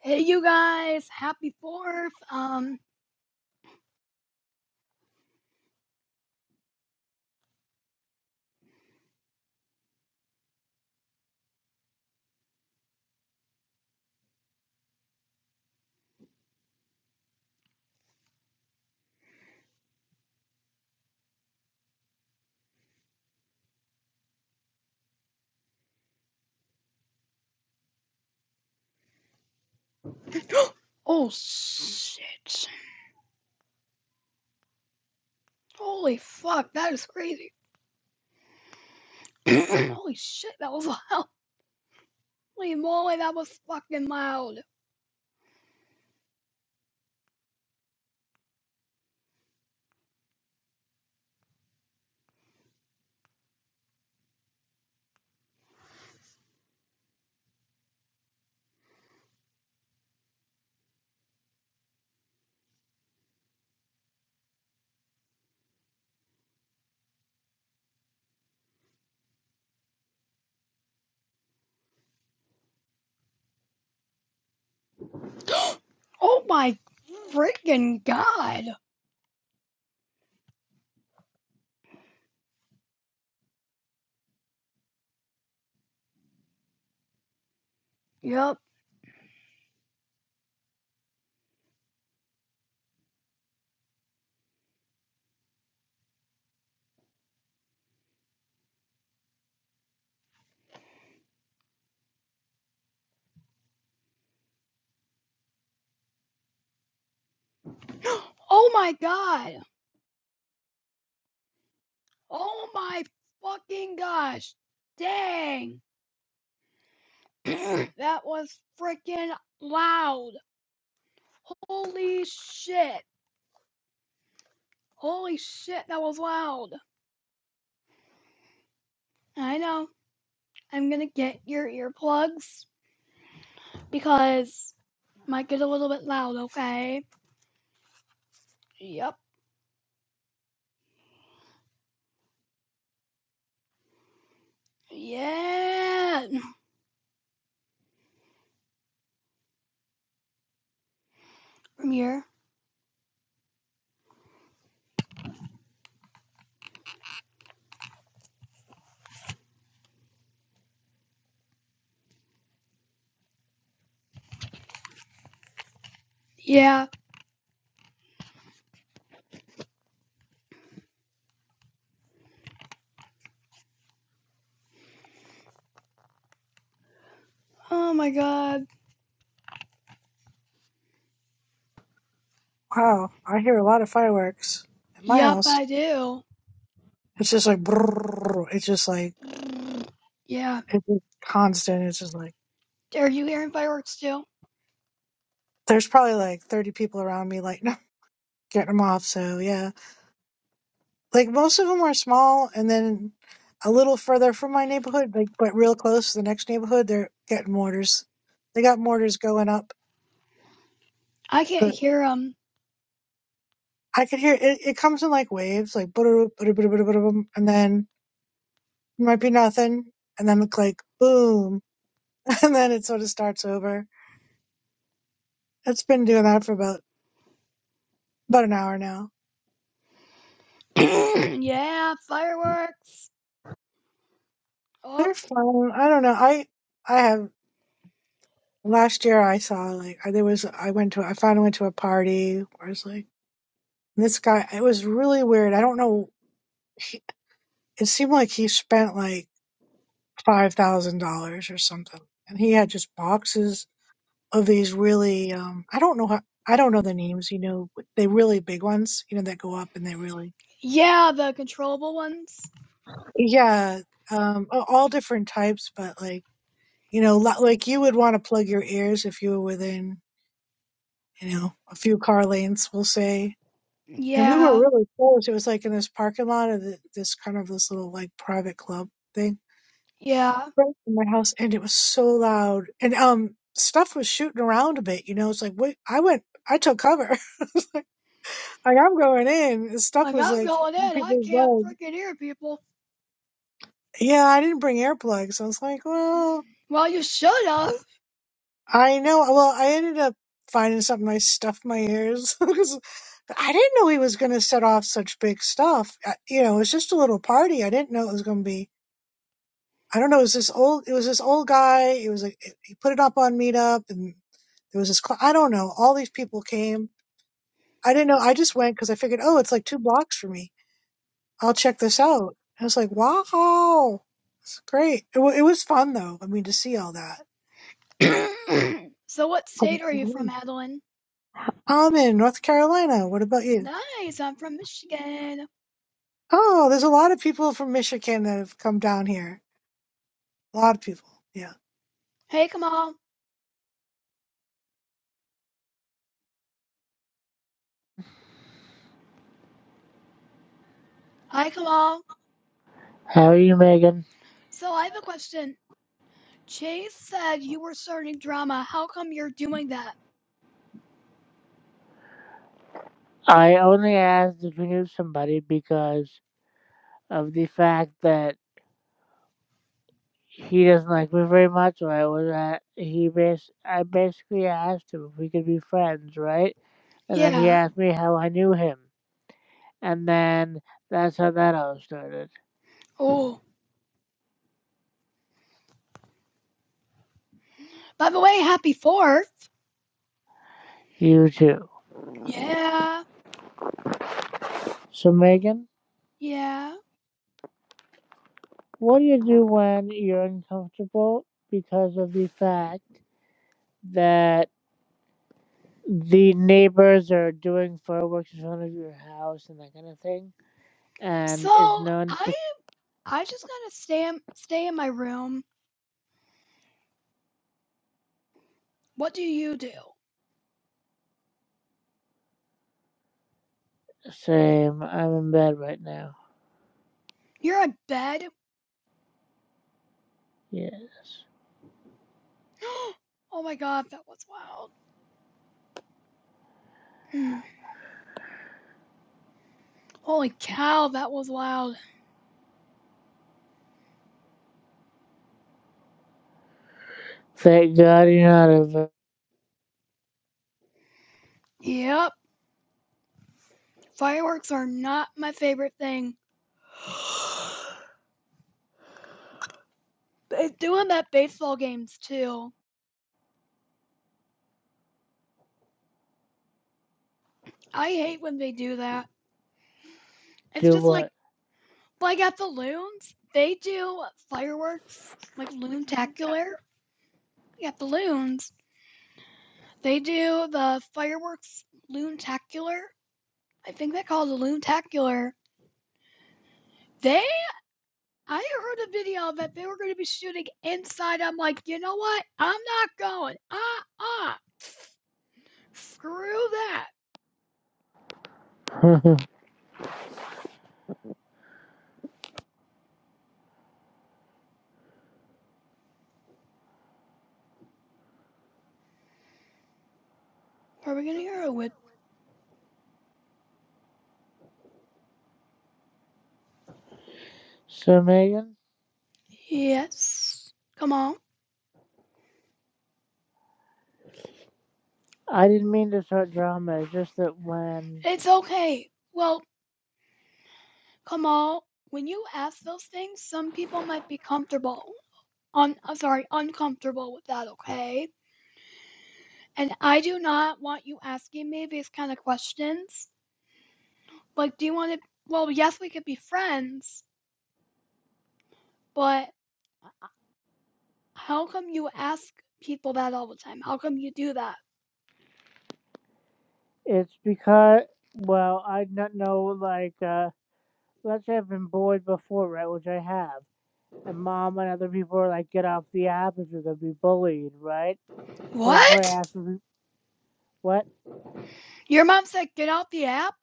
Hey, you guys! Happy Fourth. Um. Oh shit! Holy fuck! That is crazy. Holy shit! That was loud. Holy moly! That was fucking loud. Oh my freaking god! Yep. Oh my god! Oh my fucking gosh! Dang! that was freaking loud. Holy shit! Holy shit! That was loud. I know. I'm gonna get your earplugs because it might get a little bit loud, okay? Yep. Yeah. From here. Yeah. Oh my god. Wow, I hear a lot of fireworks at my Yep, house. I do. It's just like brrrr. It's just like Mm, Yeah. it's just constant. It's just like Are you hearing fireworks too? there's probably like 30 people around me, like no, getting them off. So yeah, like most of them are small, and then a little further from my neighborhood, like but real close to the next neighborhood, they're getting mortars. They got mortars going up. I can't But hear them. I could hear it. It comes in like waves, like boom, and then might be nothing, and then like boom, and then it sort of starts over It's been doing that for about about an hour now. yeah, fireworks. Oh, They're fun. I don't know. I I have last year I saw like I- there was I went to I finally went to a party where it's like this guy it was really weird. I don't know he, it seemed like he spent like five thousand dollars or something. And he had just boxes of these really um I don't know how I don't know the names, you know, but they really big ones, you know, that go up and they really yeah, the controllable ones. yeah, um a- all different types, but like You know, li- like you would want to plug your ears if you were within, you know, a few car lengths, we'll say. And we were Yeah, really close. It was like in this parking lot of the, this kind of this little like private club thing yeah. right in my house, and it was so loud. And um, stuff was shooting around a bit. You know, it's like wait, I went, I took cover. like I'm going in. and Stuff Like was I'm like going in. I people were can't going. freaking hear people. Yeah, I didn't bring earplugs. I was like, well. Well, you should have. I know. Well, I ended up finding something I stuffed my ears because I didn't know he was going to set off such big stuff. I, you know, it was just a little party. I didn't know it was going to be. I don't know. It was this old. It was this old guy. It was like he put it up on Meetup, and there was this. Cl- I don't know. All these people came. I didn't know. I just went because I figured, oh, it's like two blocks for me. I'll check this out. I was like, wow, it's great. It, wa it was fun though. I mean, to see all that. so, what state are you from, Um, Adeline? I'm in North Carolina. What about you? Nice, I'm from Michigan. Oh, there's a lot of people from Michigan that have come down here. A lot of people. Yeah. Hey, Kamal. Hi, Kamal. How are you, Megan? So, I have a question. Chase said you were starting drama. How come you're doing that? I only asked if you knew somebody because of the fact that he doesn't like me very much. Or I was at he bas- I basically asked him if we could be friends, right? And then he Yeah. asked me how I knew him, and then that's how that all started. Oh, by the way, happy 4th. You too. Yeah. So, Megan, Yeah. what do you do when you're uncomfortable because of the fact that the neighbors are doing fireworks in front of your house and that kind of thing? So, and it's known I to I just gotta stay stay in my room. What do you do? same. I'm in bed right now. You're in bed? Yes. oh my god, that was loud. Hmm. Holy cow, that was loud. Thank God you're not a v- Yep. Fireworks are not my favorite thing. they doing that baseball games too. I hate when they do that. It's do just like what? like at the loons, they do fireworks like loontacular. Like at the loons, they do the fireworks loontacular. I think they call it a loontacular. They I heard a video that they were going to be shooting inside. I'm like, you know what? I'm not going. Ah, uh, ah. Uh. Screw that. Are we gonna hear a whip? so Megan, Yes. Come on. I didn't mean to start drama. It's just that when It's okay. Well, come on. When you ask those things, some people might be comfortable. Un- uh, sorry, uncomfortable with that, okay? And I do not want you asking me these kind of questions. Like, do you want to? Well, yes, we could be friends, but how come you ask people that all the time? How come you do that? it's because well, I don't know like uh let's say I've been bullied before, right? Which I have. And mom and other people are like, get off the app if you're gonna be bullied, right? So that's why What? I asked you- what? Your mom said get off the app?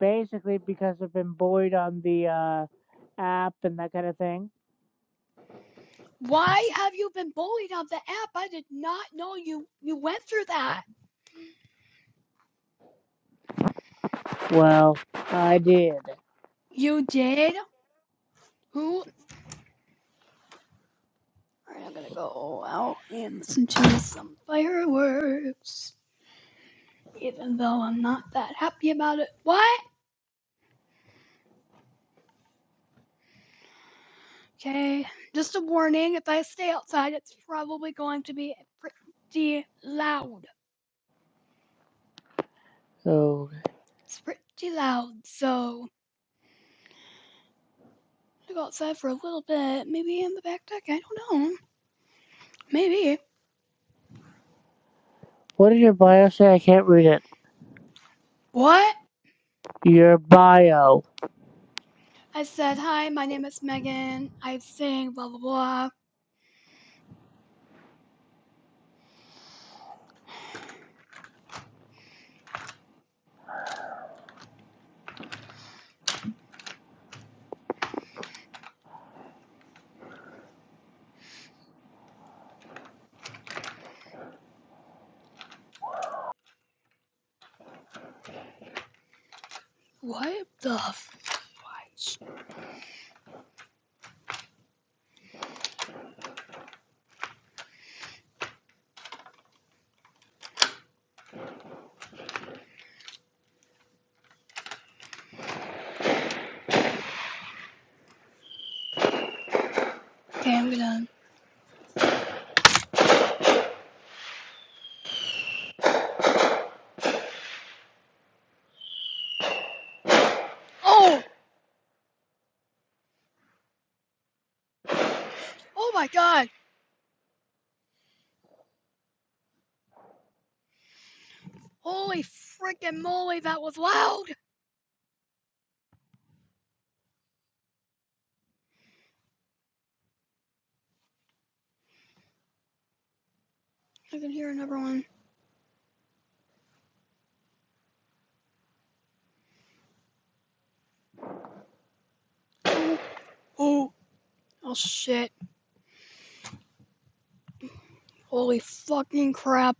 Basically because I've been bullied on the uh app and that kind of thing. Why have you been bullied on the app? I did not know you you went through that. Well, I did. You did? Who? All right, I'm gonna go out and listen to some fireworks, even though I'm not that happy about it. What? Okay, just a warning. If I stay outside, it's probably going to be pretty loud. So, It's pretty loud, so I'm gonna go outside for a little bit. Maybe in the back deck. I don't know. Maybe. what did your bio say? I can't read it. What? Your bio. I said, Hi, my name is Megan. I sing blah blah blah. What the f- Okay, I'm gonna. Oh! Oh my god! Holy freaking moly, that was loud! I can hear another one. Oh! Oh shit. Holy fucking crap.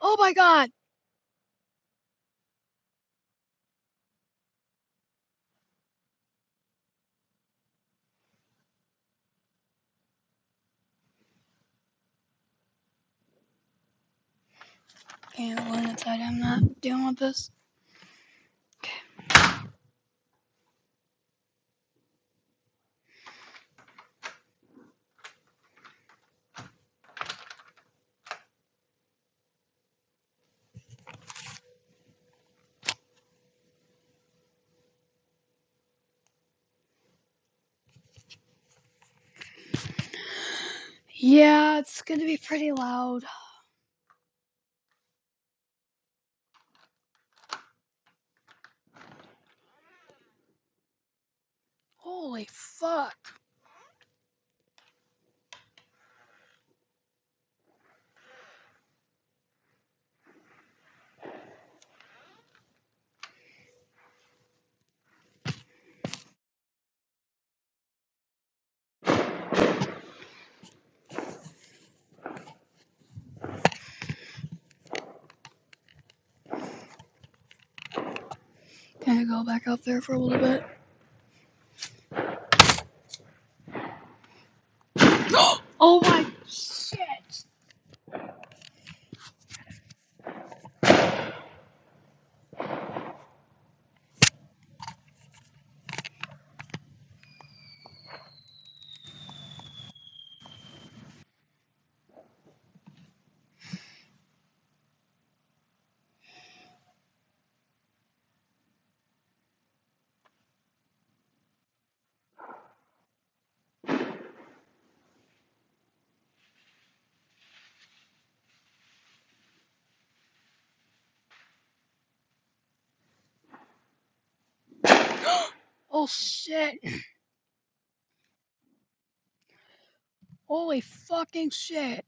Oh my god! Okay, the one inside, I'm not dealing with this. Okay. Yeah, it's gonna be pretty loud. Holy fuck. Can I go back up there for a little bit? oh my shit! Oh shit! Holy fucking shit!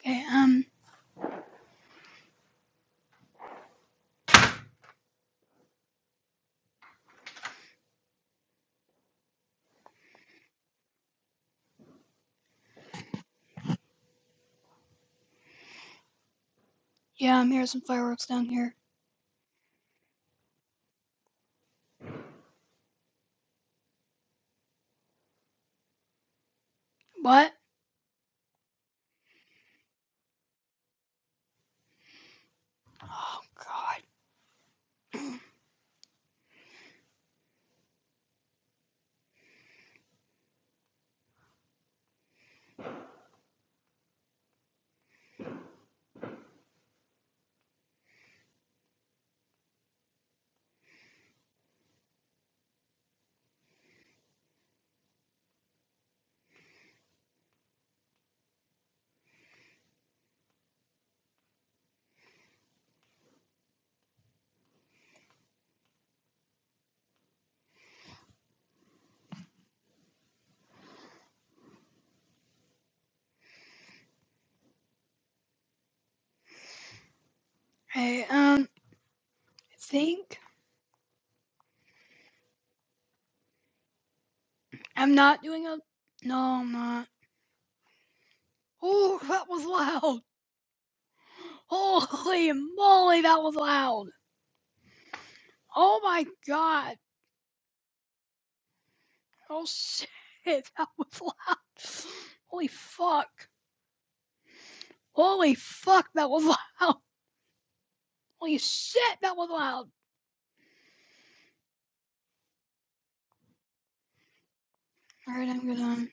Okay, um, yeah, I'm hearing some fireworks down here. What? Oh god. Hey, um, I think I'm not doing a. No, I'm not. Oh, that was loud! Holy moly, that was loud! Oh my god! Oh shit, that was loud! Holy fuck! Holy fuck, that was loud! Holy shit, that was loud! Alright, I'm good.